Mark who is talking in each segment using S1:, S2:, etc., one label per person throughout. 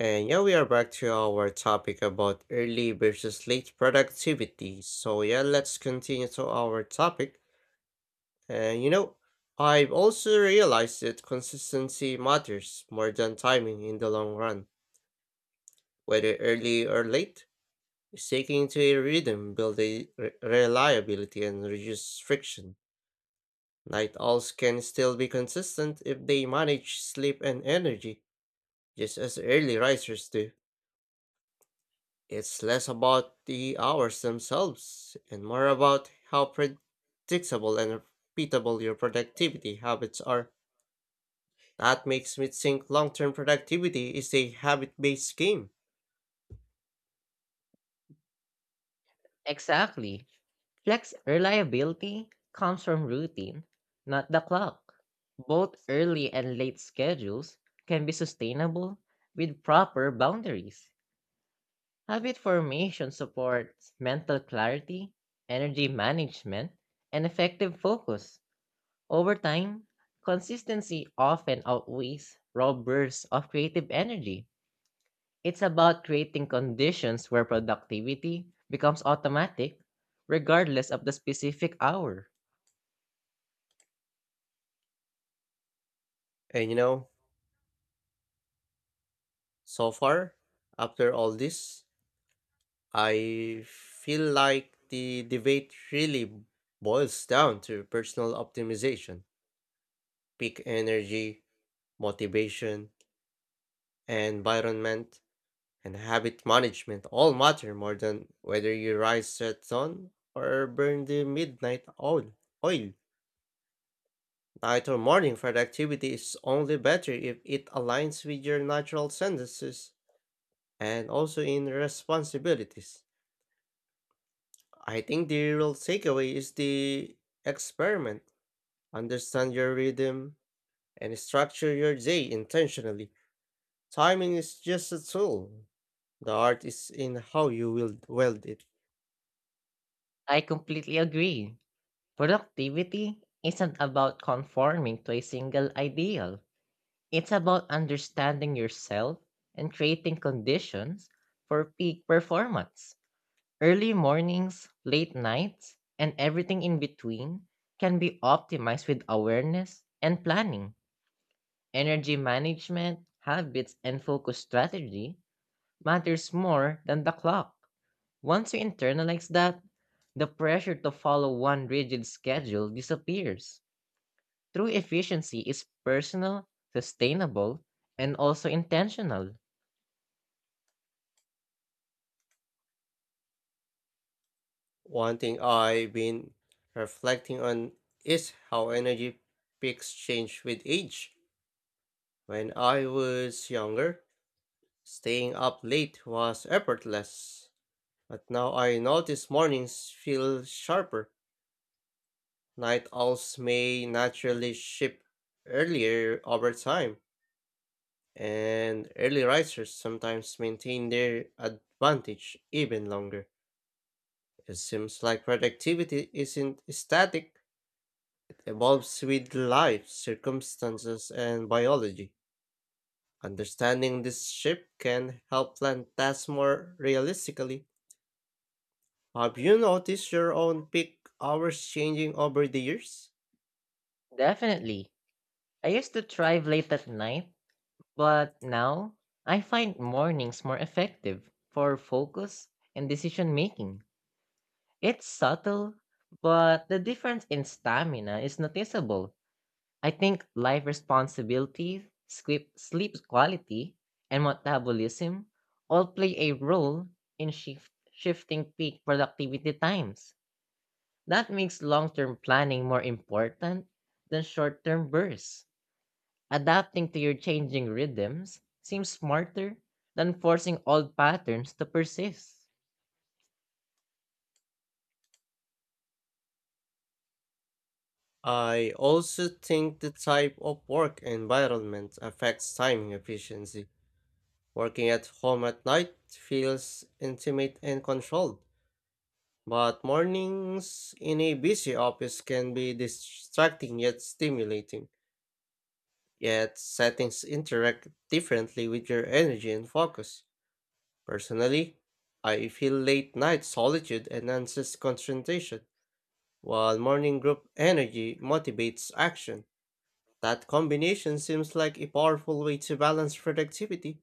S1: And yeah, we are back to our topic about early versus late productivity. So yeah, let's continue to our topic. And you know, I've also realized that consistency matters more than timing in the long run. Whether early or late, sticking to a rhythm builds a reliability and reduce friction. Night owls can still be consistent if they manage sleep and energy, just as early risers do. It's less about the hours themselves and more about how predictable and repeatable your productivity habits are. That makes me think long term productivity is a habit based game.
S2: Exactly. Flex reliability comes from routine, not the clock. Both early and late schedules can be sustainable with proper boundaries. Habit formation supports mental clarity, energy management, and effective focus. Over time, consistency often outweighs raw bursts of creative energy. It's about creating conditions where productivity becomes automatic, regardless of the specific hour.
S1: And you know, so far, after all this, I feel like the debate really boils down to personal optimization, peak energy, motivation, environment and habit management all matter more than whether you rise at dawn or burn the midnight oil. Night or morning productivity is only better if it aligns with your natural tendencies and also in responsibilities. I think the real takeaway is the experiment. Understand your rhythm and structure your day intentionally. Timing is just a tool. The art is in how you will weld it.
S2: I completely agree. Productivity isn't about conforming to a single ideal, it's about understanding yourself and creating conditions for peak performance. Early mornings, late nights, and everything in between can be optimized with awareness and planning. Energy management, habits, and focus strategy matters more than the clock. Once you internalize that, the pressure to follow one rigid schedule disappears. True efficiency is personal, sustainable, and also intentional.
S1: One thing I've been reflecting on is how energy peaks change with age. When I was younger, staying up late was effortless, but now I notice mornings feel sharper. Night owls may naturally shift earlier over time, and early risers sometimes maintain their advantage even longer. It seems like productivity isn't static evolves with life, circumstances, and biology. Understanding this shift can help plan tasks more realistically. Have you noticed your own peak hours changing over the years?
S2: Definitely. I used to thrive late at night, but now I find mornings more effective for focus and decision making. It's subtle, but the difference in stamina is noticeable. I think life responsibilities, sleep quality, and metabolism all play a role in shifting peak productivity times. That makes long term planning more important than short term bursts. Adapting to your changing rhythms seems smarter than forcing old patterns to persist.
S1: I also think the type of work environment affects timing efficiency. Working at home at night feels intimate and controlled, but mornings in a busy office can be distracting yet stimulating. Yet, settings interact differently with your energy and focus. Personally, I feel late night solitude enhances concentration, while morning group energy motivates action. That combination seems like a powerful way to balance productivity.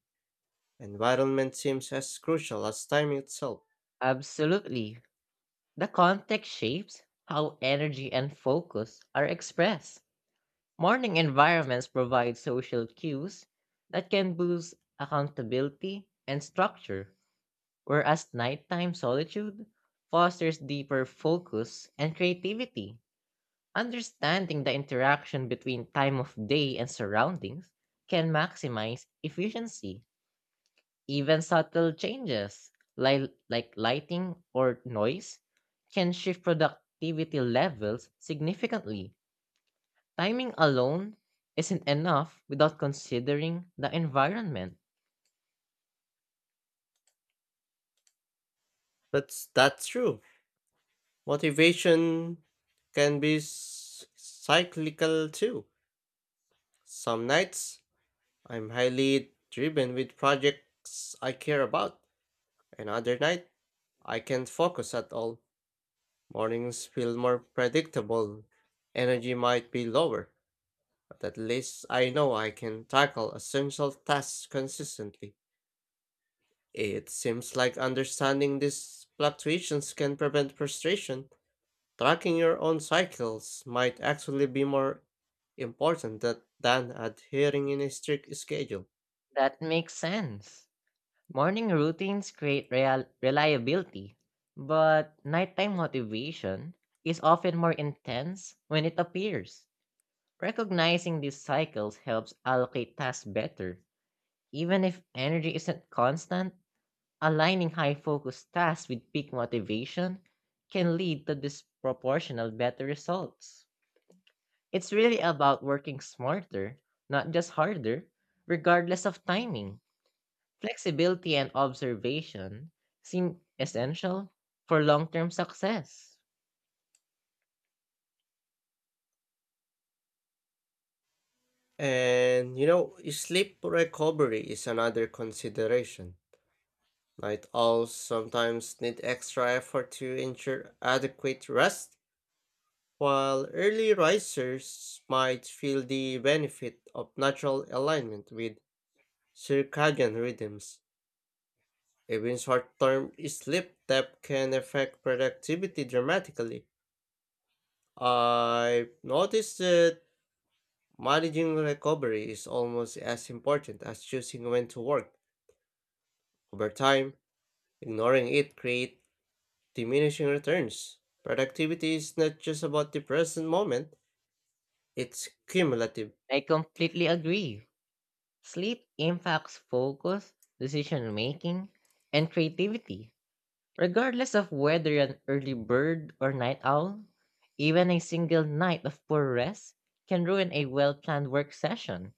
S1: Environment seems as crucial as time itself.
S2: Absolutely. The context shapes how energy and focus are expressed. Morning environments provide social cues that can boost accountability and structure, whereas nighttime solitude fosters deeper focus and creativity. Understanding the interaction between time of day and surroundings can maximize efficiency. Even subtle changes, like lighting or noise, can shift productivity levels significantly. Timing alone isn't enough without considering the environment.
S1: But that's true. Motivation can be cyclical too. Some nights I'm highly driven with projects I care about. Another night, I can't focus at all. Mornings feel more predictable. Energy might be lower, but at least I know I can tackle essential tasks consistently. It seems like understanding these fluctuations can prevent frustration. Tracking your own cycles might actually be more important than adhering in a strict schedule.
S2: That makes sense. Morning routines create reliability, but nighttime motivation is often more intense when it appears. Recognizing these cycles helps allocate tasks better. Even if energy isn't constant, aligning high focus tasks with peak motivation can lead to disproportional better results. It's really about working smarter, not just harder, regardless of timing. Flexibility and observation seem essential for long term success.
S1: Sleep recovery is another consideration. Night owls sometimes need extra effort to ensure adequate rest, while early risers might feel the benefit of natural alignment with circadian rhythms. Even short-term sleep depth can affect productivity dramatically. I've noticed that managing recovery is almost as important as choosing when to work. Over time, ignoring it creates diminishing returns. Productivity is not just about the present moment, it's cumulative.
S2: I completely agree. Sleep impacts focus, decision making, and creativity. Regardless of whether you're an early bird or night owl, even a single night of poor rest can ruin a well planned work session.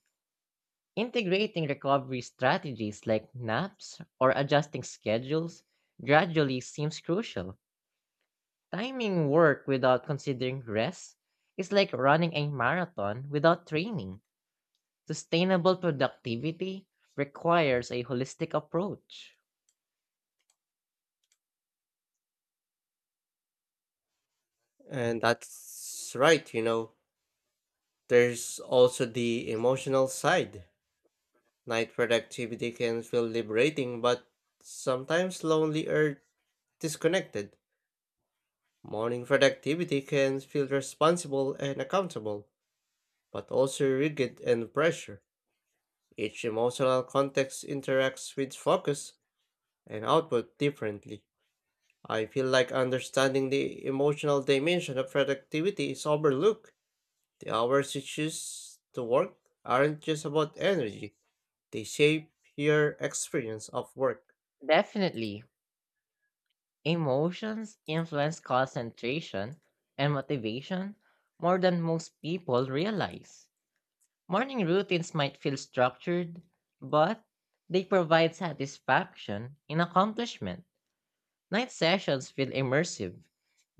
S2: Integrating recovery strategies like naps or adjusting schedules gradually seems crucial. Timing work without considering rest is like running a marathon without training. Sustainable productivity requires a holistic approach.
S1: And that's right, you know. There's also the emotional side. Night productivity can feel liberating, but sometimes lonely or disconnected. Morning productivity can feel responsible and accountable, but also rigid and pressure. Each emotional context interacts with focus and output differently. I feel like understanding the emotional dimension of productivity is overlooked. The hours you choose to work aren't just about energy, they shape your experience of work.
S2: Definitely, emotions influence concentration and motivation more than most people realize. Morning routines might feel structured, but they provide satisfaction in accomplishment. Night sessions feel immersive,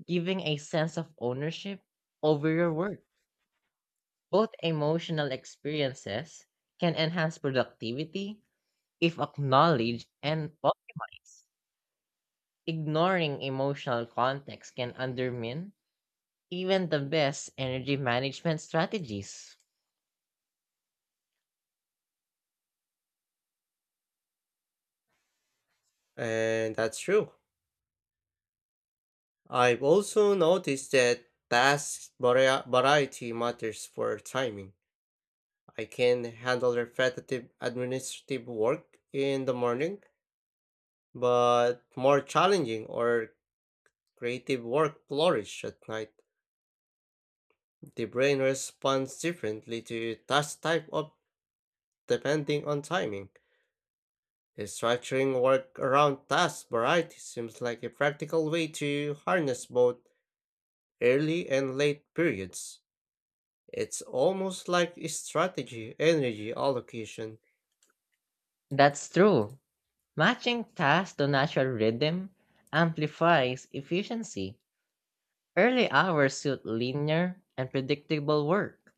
S2: giving a sense of ownership over your work. Both emotional experiences can enhance productivity if acknowledged and policed. Ignoring emotional context can undermine even the best energy management strategies.
S1: And that's true. I've also noticed that task variety matters for timing. I can handle repetitive administrative work in the morning, but more challenging or creative work flourish at night. The brain responds differently to task type of depending on timing. Structuring work around task variety seems like a practical way to harness both early and late periods. It's almost like a strategy energy allocation.
S2: That's true. Matching tasks to natural rhythm amplifies efficiency. Early hours suit linear and predictable work,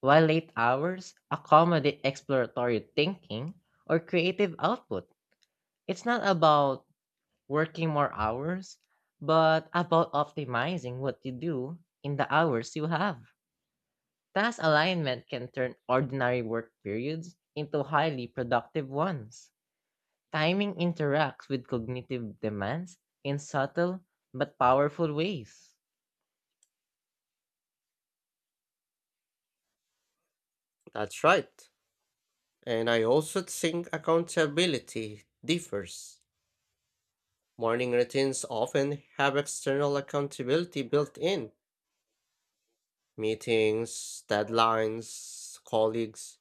S2: while late hours accommodate exploratory thinking or creative output. It's not about working more hours, but about optimizing what you do in the hours you have. Task alignment can turn ordinary work periods into highly productive ones. Timing interacts with cognitive demands in subtle but powerful ways.
S1: That's right. And I also think accountability differs. Morning routines often have external accountability built in meetings, deadlines, colleagues.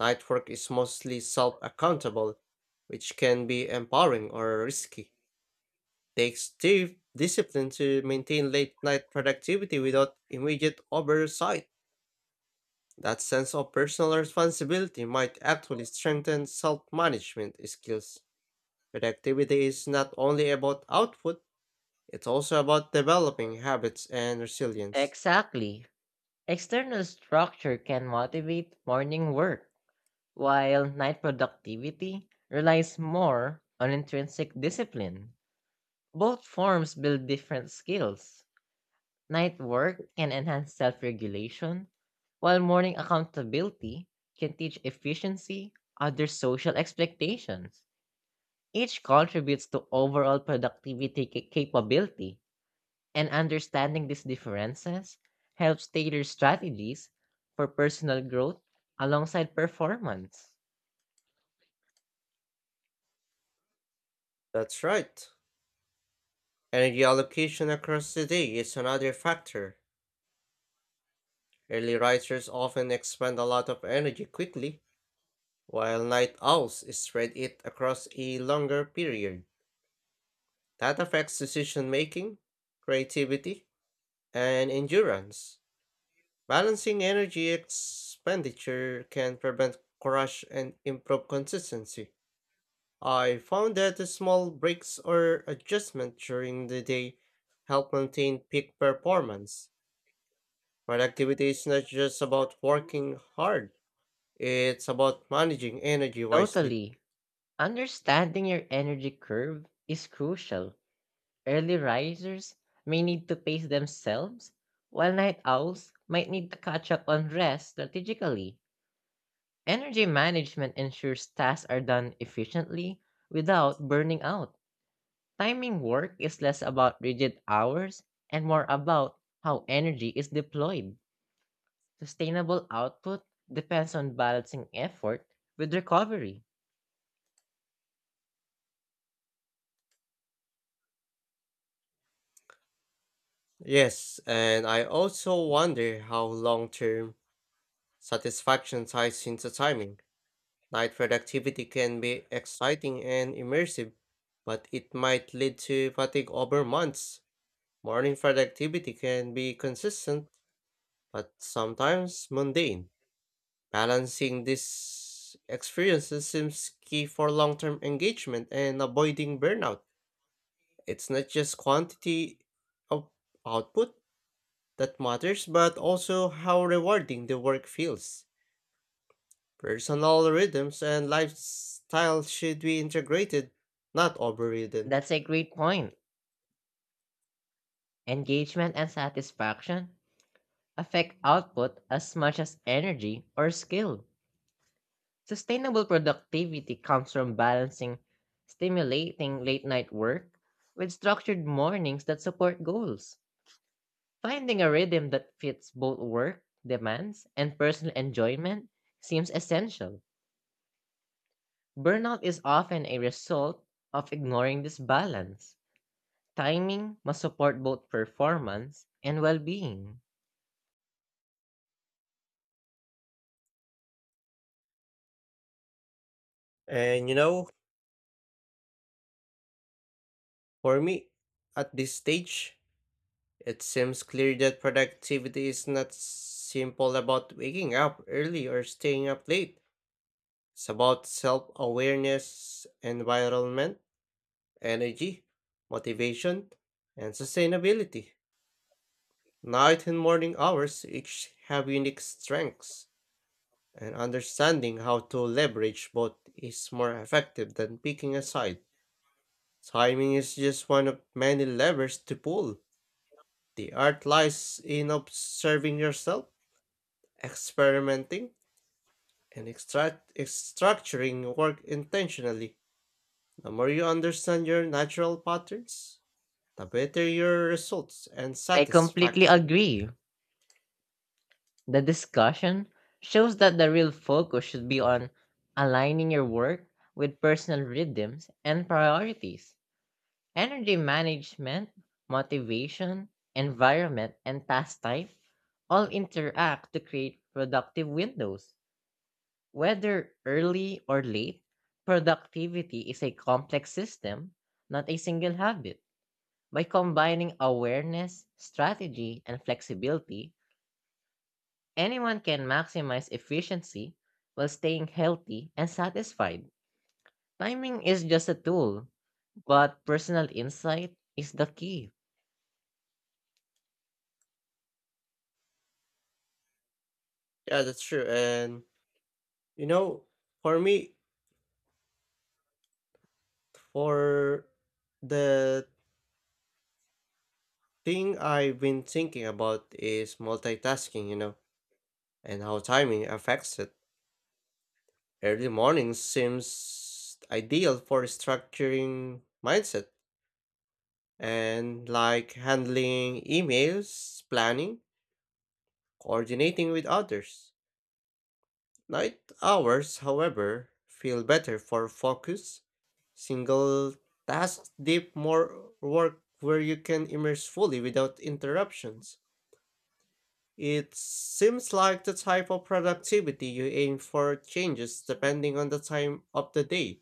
S1: Night work is mostly self accountable, which can be empowering or risky. Takes deep discipline to maintain late night productivity without immediate oversight. That sense of personal responsibility might actually strengthen self management skills. Productivity is not only about output, it's also about developing habits and resilience.
S2: Exactly. External structure can motivate morning work, while night productivity relies more on intrinsic discipline. Both forms build different skills. Night work can enhance self regulation, while morning accountability can teach efficiency under social expectations. Each contributes to overall productivity capability, and understanding these differences helps tailor strategies for personal growth alongside performance.
S1: That's right. Energy allocation across the day is another factor. Early risers often expend a lot of energy quickly, while night owls spread it across a longer period. That affects decision making, creativity, and endurance. Balancing energy expenditure can prevent crash and improve consistency. I found that the small breaks or adjustment during the day help maintain peak performance. Productivity is not just about working hard. It's about managing energy wisely.
S2: Totally, understanding your energy curve is crucial. Early risers may need to pace themselves, while night owls might need to catch up on rest strategically. Energy management ensures tasks are done efficiently without burning out. Timing work is less about rigid hours and more about how energy is deployed. Sustainable output depends on balancing effort with recovery.
S1: Yes, and I also wonder how long term satisfaction ties into timing. Night productivity can be exciting and immersive, but it might lead to fatigue over months. Morning productivity can be consistent, but sometimes mundane. Balancing these experiences seems key for long term engagement and avoiding burnout. It's not just quantity of output that matters, but also how rewarding the work feels. Personal rhythms and lifestyle should be integrated, not overridden.
S2: That's a great point. Engagement and satisfaction affect output as much as energy or skill. Sustainable productivity comes from balancing stimulating late night work with structured mornings that support goals. Finding a rhythm that fits both work demands and personal enjoyment seems essential. Burnout is often a result of ignoring this balance. Timing must support both performance and well being.
S1: And you know, for me, at this stage, it seems clear that productivity is not simple about waking up early or staying up late. It's about self awareness, environment, energy, motivation, and sustainability. Night and morning hours each have unique strengths, and understanding how to leverage both is more effective than picking a side. Timing is just one of many levers to pull. The art lies in observing yourself, experimenting, and structuring work intentionally. The more you understand your natural patterns, the better your results and
S2: I completely
S1: satisfaction.
S2: agree. The discussion shows that the real focus should be on aligning your work with personal rhythms and priorities. Energy management, motivation, environment, and task type all interact to create productive windows. Whether early or late, productivity is a complex system, not a single habit. By combining awareness, strategy, and flexibility, anyone can maximize efficiency while staying healthy and satisfied. Timing is just a tool, but personal insight is the key.
S1: Yeah, that's true. You know, for me, For the thing I've been thinking about is multitasking, and how timing affects it. Early mornings seems ideal for structuring mindset and like handling emails, planning, coordinating with others. Night hours, however, feel better for focus, single tasks, deep more work where you can immerse fully without interruptions. It seems like the type of productivity you aim for changes depending on the time of the day.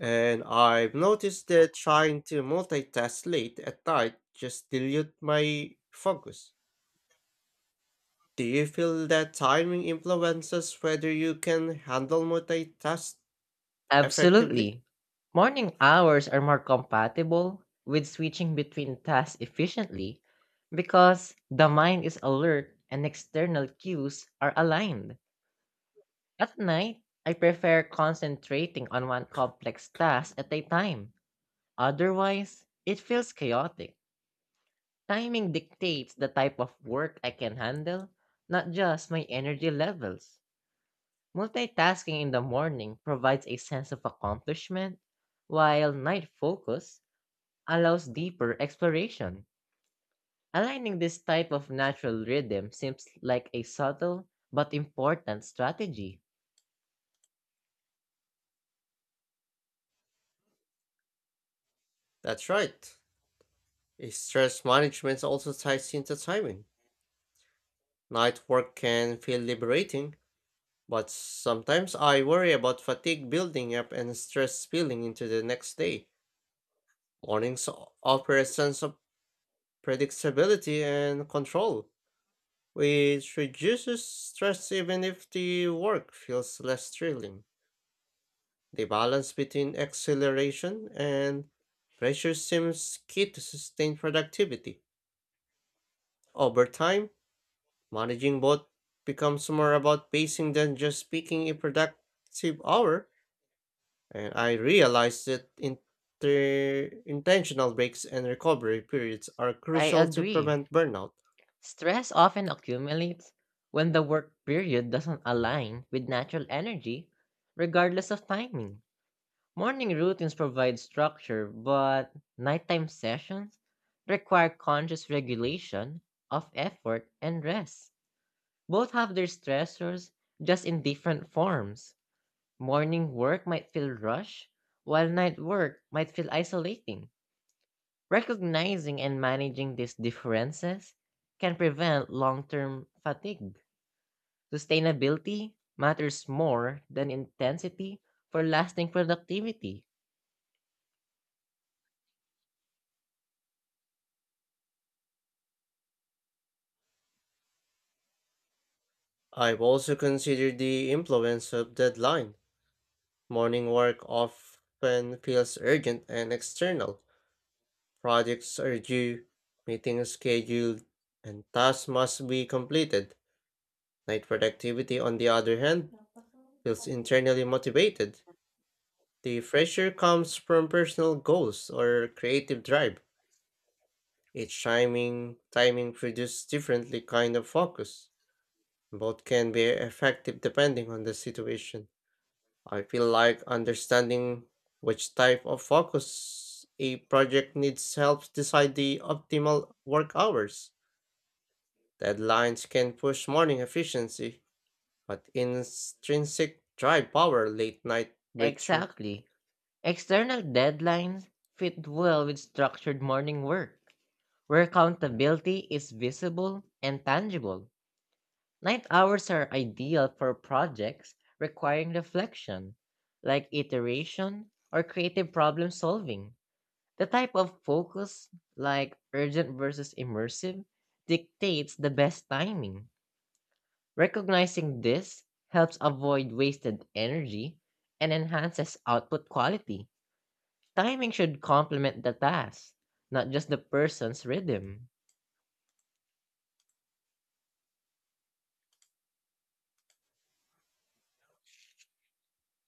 S1: And I've noticed that trying to multitask late at night just dilute my focus. Do you feel that timing influences whether you can handle multitask effectively?
S2: Absolutely. Morning hours are more compatible with switching between tasks efficiently because the mind is alert and external cues are aligned. At night, I prefer concentrating on one complex task at a time. Otherwise, it feels chaotic. Timing dictates the type of work I can handle, not just my energy levels. Multitasking in the morning provides a sense of accomplishment, while night focus allows deeper exploration. Aligning this type of natural rhythm seems like a subtle but important strategy.
S1: That's right. Stress management also ties into timing. Night work can feel liberating, but sometimes I worry about fatigue building up and stress spilling into the next day. Mornings offer a sense of predictability and control, which reduces stress even if the work feels less thrilling. The balance between acceleration and pressure seems key to sustain productivity. Over time, managing both becomes more about pacing than just picking a productive hour. And I realized that intentional breaks and recovery periods are
S2: I
S1: crucial to
S2: agree.
S1: prevent burnout.
S2: Stress often accumulates when the work period doesn't align with natural energy, regardless of timing. Morning routines provide structure, but nighttime sessions require conscious regulation of effort and rest. Both have their stressors, just in different forms. Morning work might feel rushed, while night work might feel isolating. Recognizing and managing these differences can prevent long term fatigue. Sustainability matters more than intensity for lasting productivity.
S1: I've also considered the influence of deadline. Morning work often feels urgent and external. Projects are due, meetings scheduled, and tasks must be completed. Night productivity, on the other hand, feels internally motivated. The pressure comes from personal goals or creative drive. Each timing produces differently kind of focus. Both can be effective depending on the situation. I feel like understanding which type of focus a project needs helps decide the optimal work hours. Deadlines can push morning efficiency, but intrinsic drive power late night breakthrough.
S2: Exactly. External deadlines fit well with structured morning work, where accountability is visible and tangible. Night hours are ideal for projects requiring reflection, like iteration or creative problem solving. The type of focus, like urgent versus immersive, dictates the best timing. Recognizing this helps avoid wasted energy and enhances output quality. Timing should complement the task, not just the person's rhythm.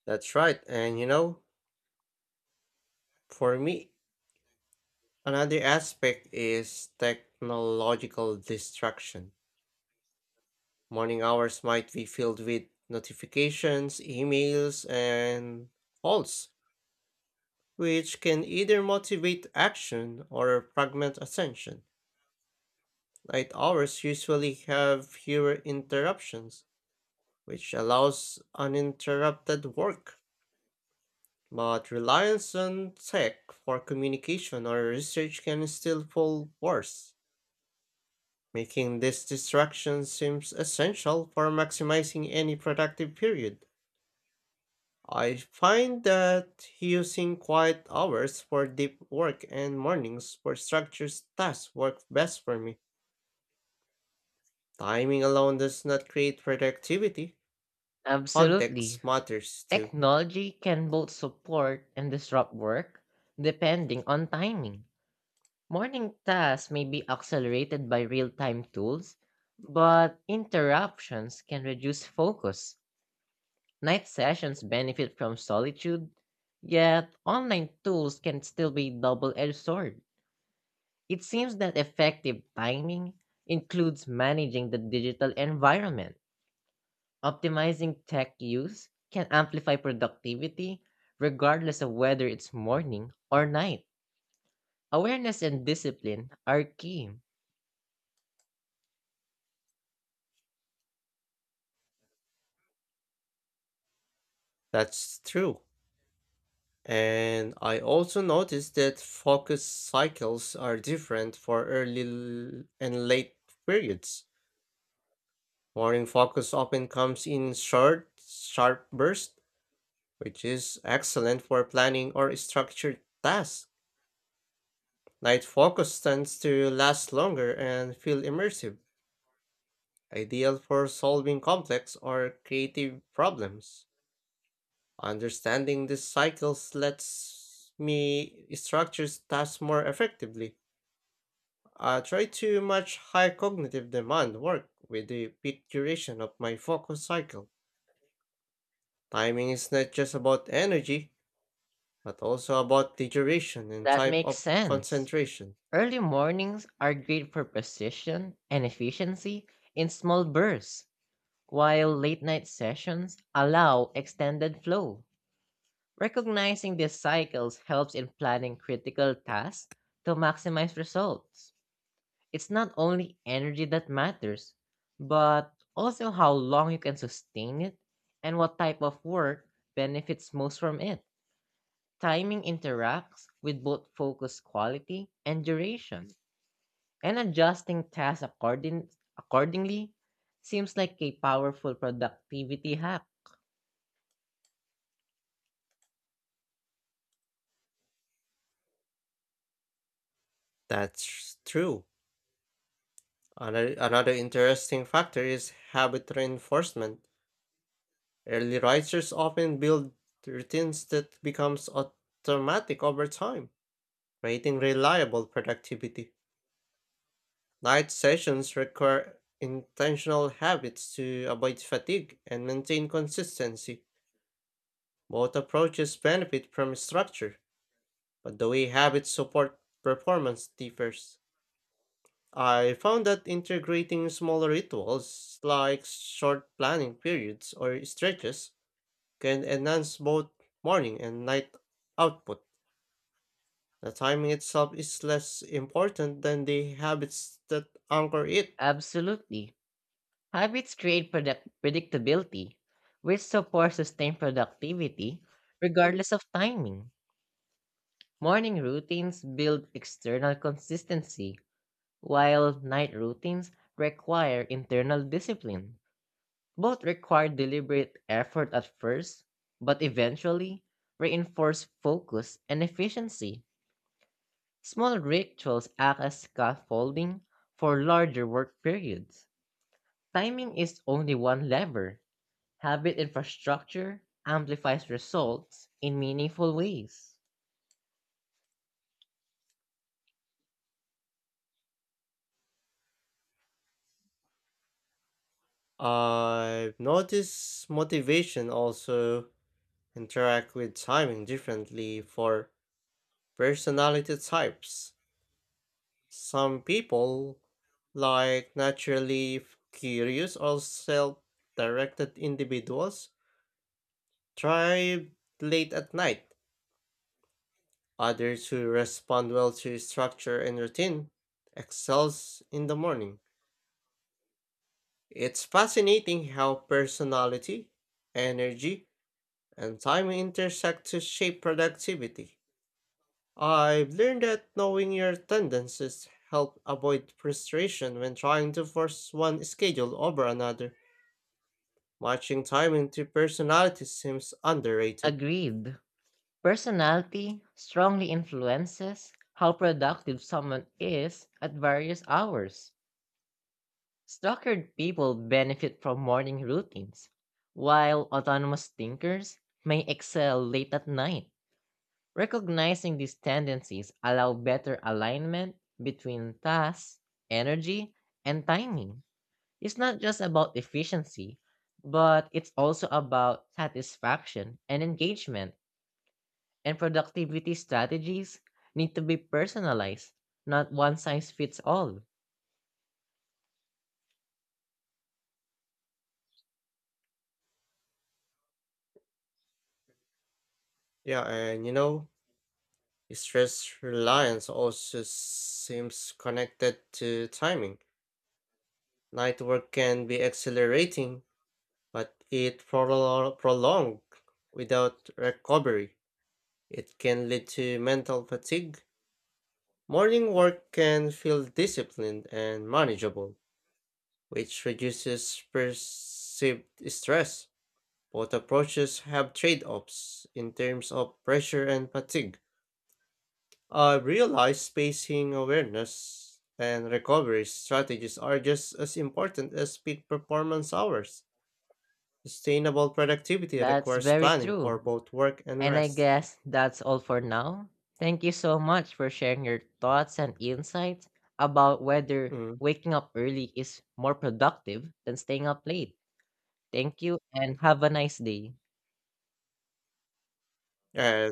S1: That's right, for me, another aspect is technological distraction. Morning hours might be filled with notifications, emails, and calls, which can either motivate action or fragment attention. Night hours usually have fewer interruptions, which allows uninterrupted work. But reliance on tech for communication or research can still fall worse, making this distraction seems essential for maximizing any productive period. I find that using quiet hours for deep work and mornings for structured tasks work best for me. Timing alone does not create productivity.
S2: Absolutely.
S1: Context matters too.
S2: Technology can both support and disrupt work depending on timing. Morning tasks may be accelerated by real time tools, but interruptions can reduce focus. Night sessions benefit from solitude, yet online tools can still be double edged sword. It seems that effective timing includes managing the digital environment. Optimizing tech use can amplify productivity regardless of whether it's morning or night. Awareness and discipline are key.
S1: That's true. And I also noticed that focus cycles are different for early and late periods. Morning focus often comes in short, sharp bursts, which is excellent for planning or structured tasks. Night focus tends to last longer and feel immersive, ideal for solving complex or creative problems. Understanding these cycles lets me structure tasks more effectively. I try to match high cognitive demand work with the peak duration of my focus cycle. Timing is not just about energy, but also about the duration and
S2: That
S1: type
S2: makes
S1: of
S2: sense.
S1: concentration.
S2: Early mornings are great for precision and efficiency in small bursts, while late night sessions allow extended flow. Recognizing these cycles helps in planning critical tasks to maximize results. It's not only energy that matters, but also how long you can sustain it and what type of work benefits most from it. Timing interacts with both focus quality and duration, and adjusting tasks accordingly seems like a powerful productivity hack.
S1: That's true. Another interesting factor is habit reinforcement. Early risers often build routines that becomes automatic over time, creating reliable productivity. Night sessions require intentional habits to avoid fatigue and maintain consistency. Both approaches benefit from structure, but the way habits support performance differs. I found that integrating smaller rituals like short planning periods or stretches can enhance both morning and night output. The timing itself is less important than the habits that anchor it.
S2: Absolutely. Habits create product predictability, which supports sustained productivity regardless of timing. Morning routines build external consistency, while night routines require internal discipline. Both require deliberate effort at first, but eventually reinforce focus and efficiency. Small rituals act as scaffolding for larger work periods. Timing is only one lever. Habit infrastructure amplifies results in meaningful ways.
S1: I've noticed motivation also interact with timing differently for personality types. Some people, like naturally curious or self directed individuals, thrive late at night. Others who respond well to structure and routine excels in the morning. It's fascinating how personality, energy, and time intersect to shape productivity. I've learned that knowing your tendencies help avoid frustration when trying to force one schedule over another. Matching timing to personality seems underrated.
S2: Agreed. Personality strongly influences how productive someone is at various hours. Structured people benefit from morning routines, while autonomous thinkers may excel late at night. Recognizing these tendencies allow better alignment between tasks, energy, and timing. It's not just about efficiency, but it's also about satisfaction and engagement, and productivity strategies need to be personalized, not one size fits all.
S1: Yeah, stress reliance also seems connected to timing. Night work can be accelerating, but it prolonged without recovery. It can lead to mental fatigue. Morning work can feel disciplined and manageable, which reduces perceived stress. Both approaches have trade offs in terms of pressure and fatigue. I've realized spacing awareness and recovery strategies are just as important as peak performance hours. Sustainable productivity
S2: That's
S1: requires
S2: very
S1: planning for
S2: true.
S1: both work and
S2: And I
S1: rest.
S2: guess that's all for now. Thank you so much for sharing your thoughts and insights about whether
S1: Mm.
S2: waking up early is more productive than staying up late. Thank you and have a nice day.
S1: Uh,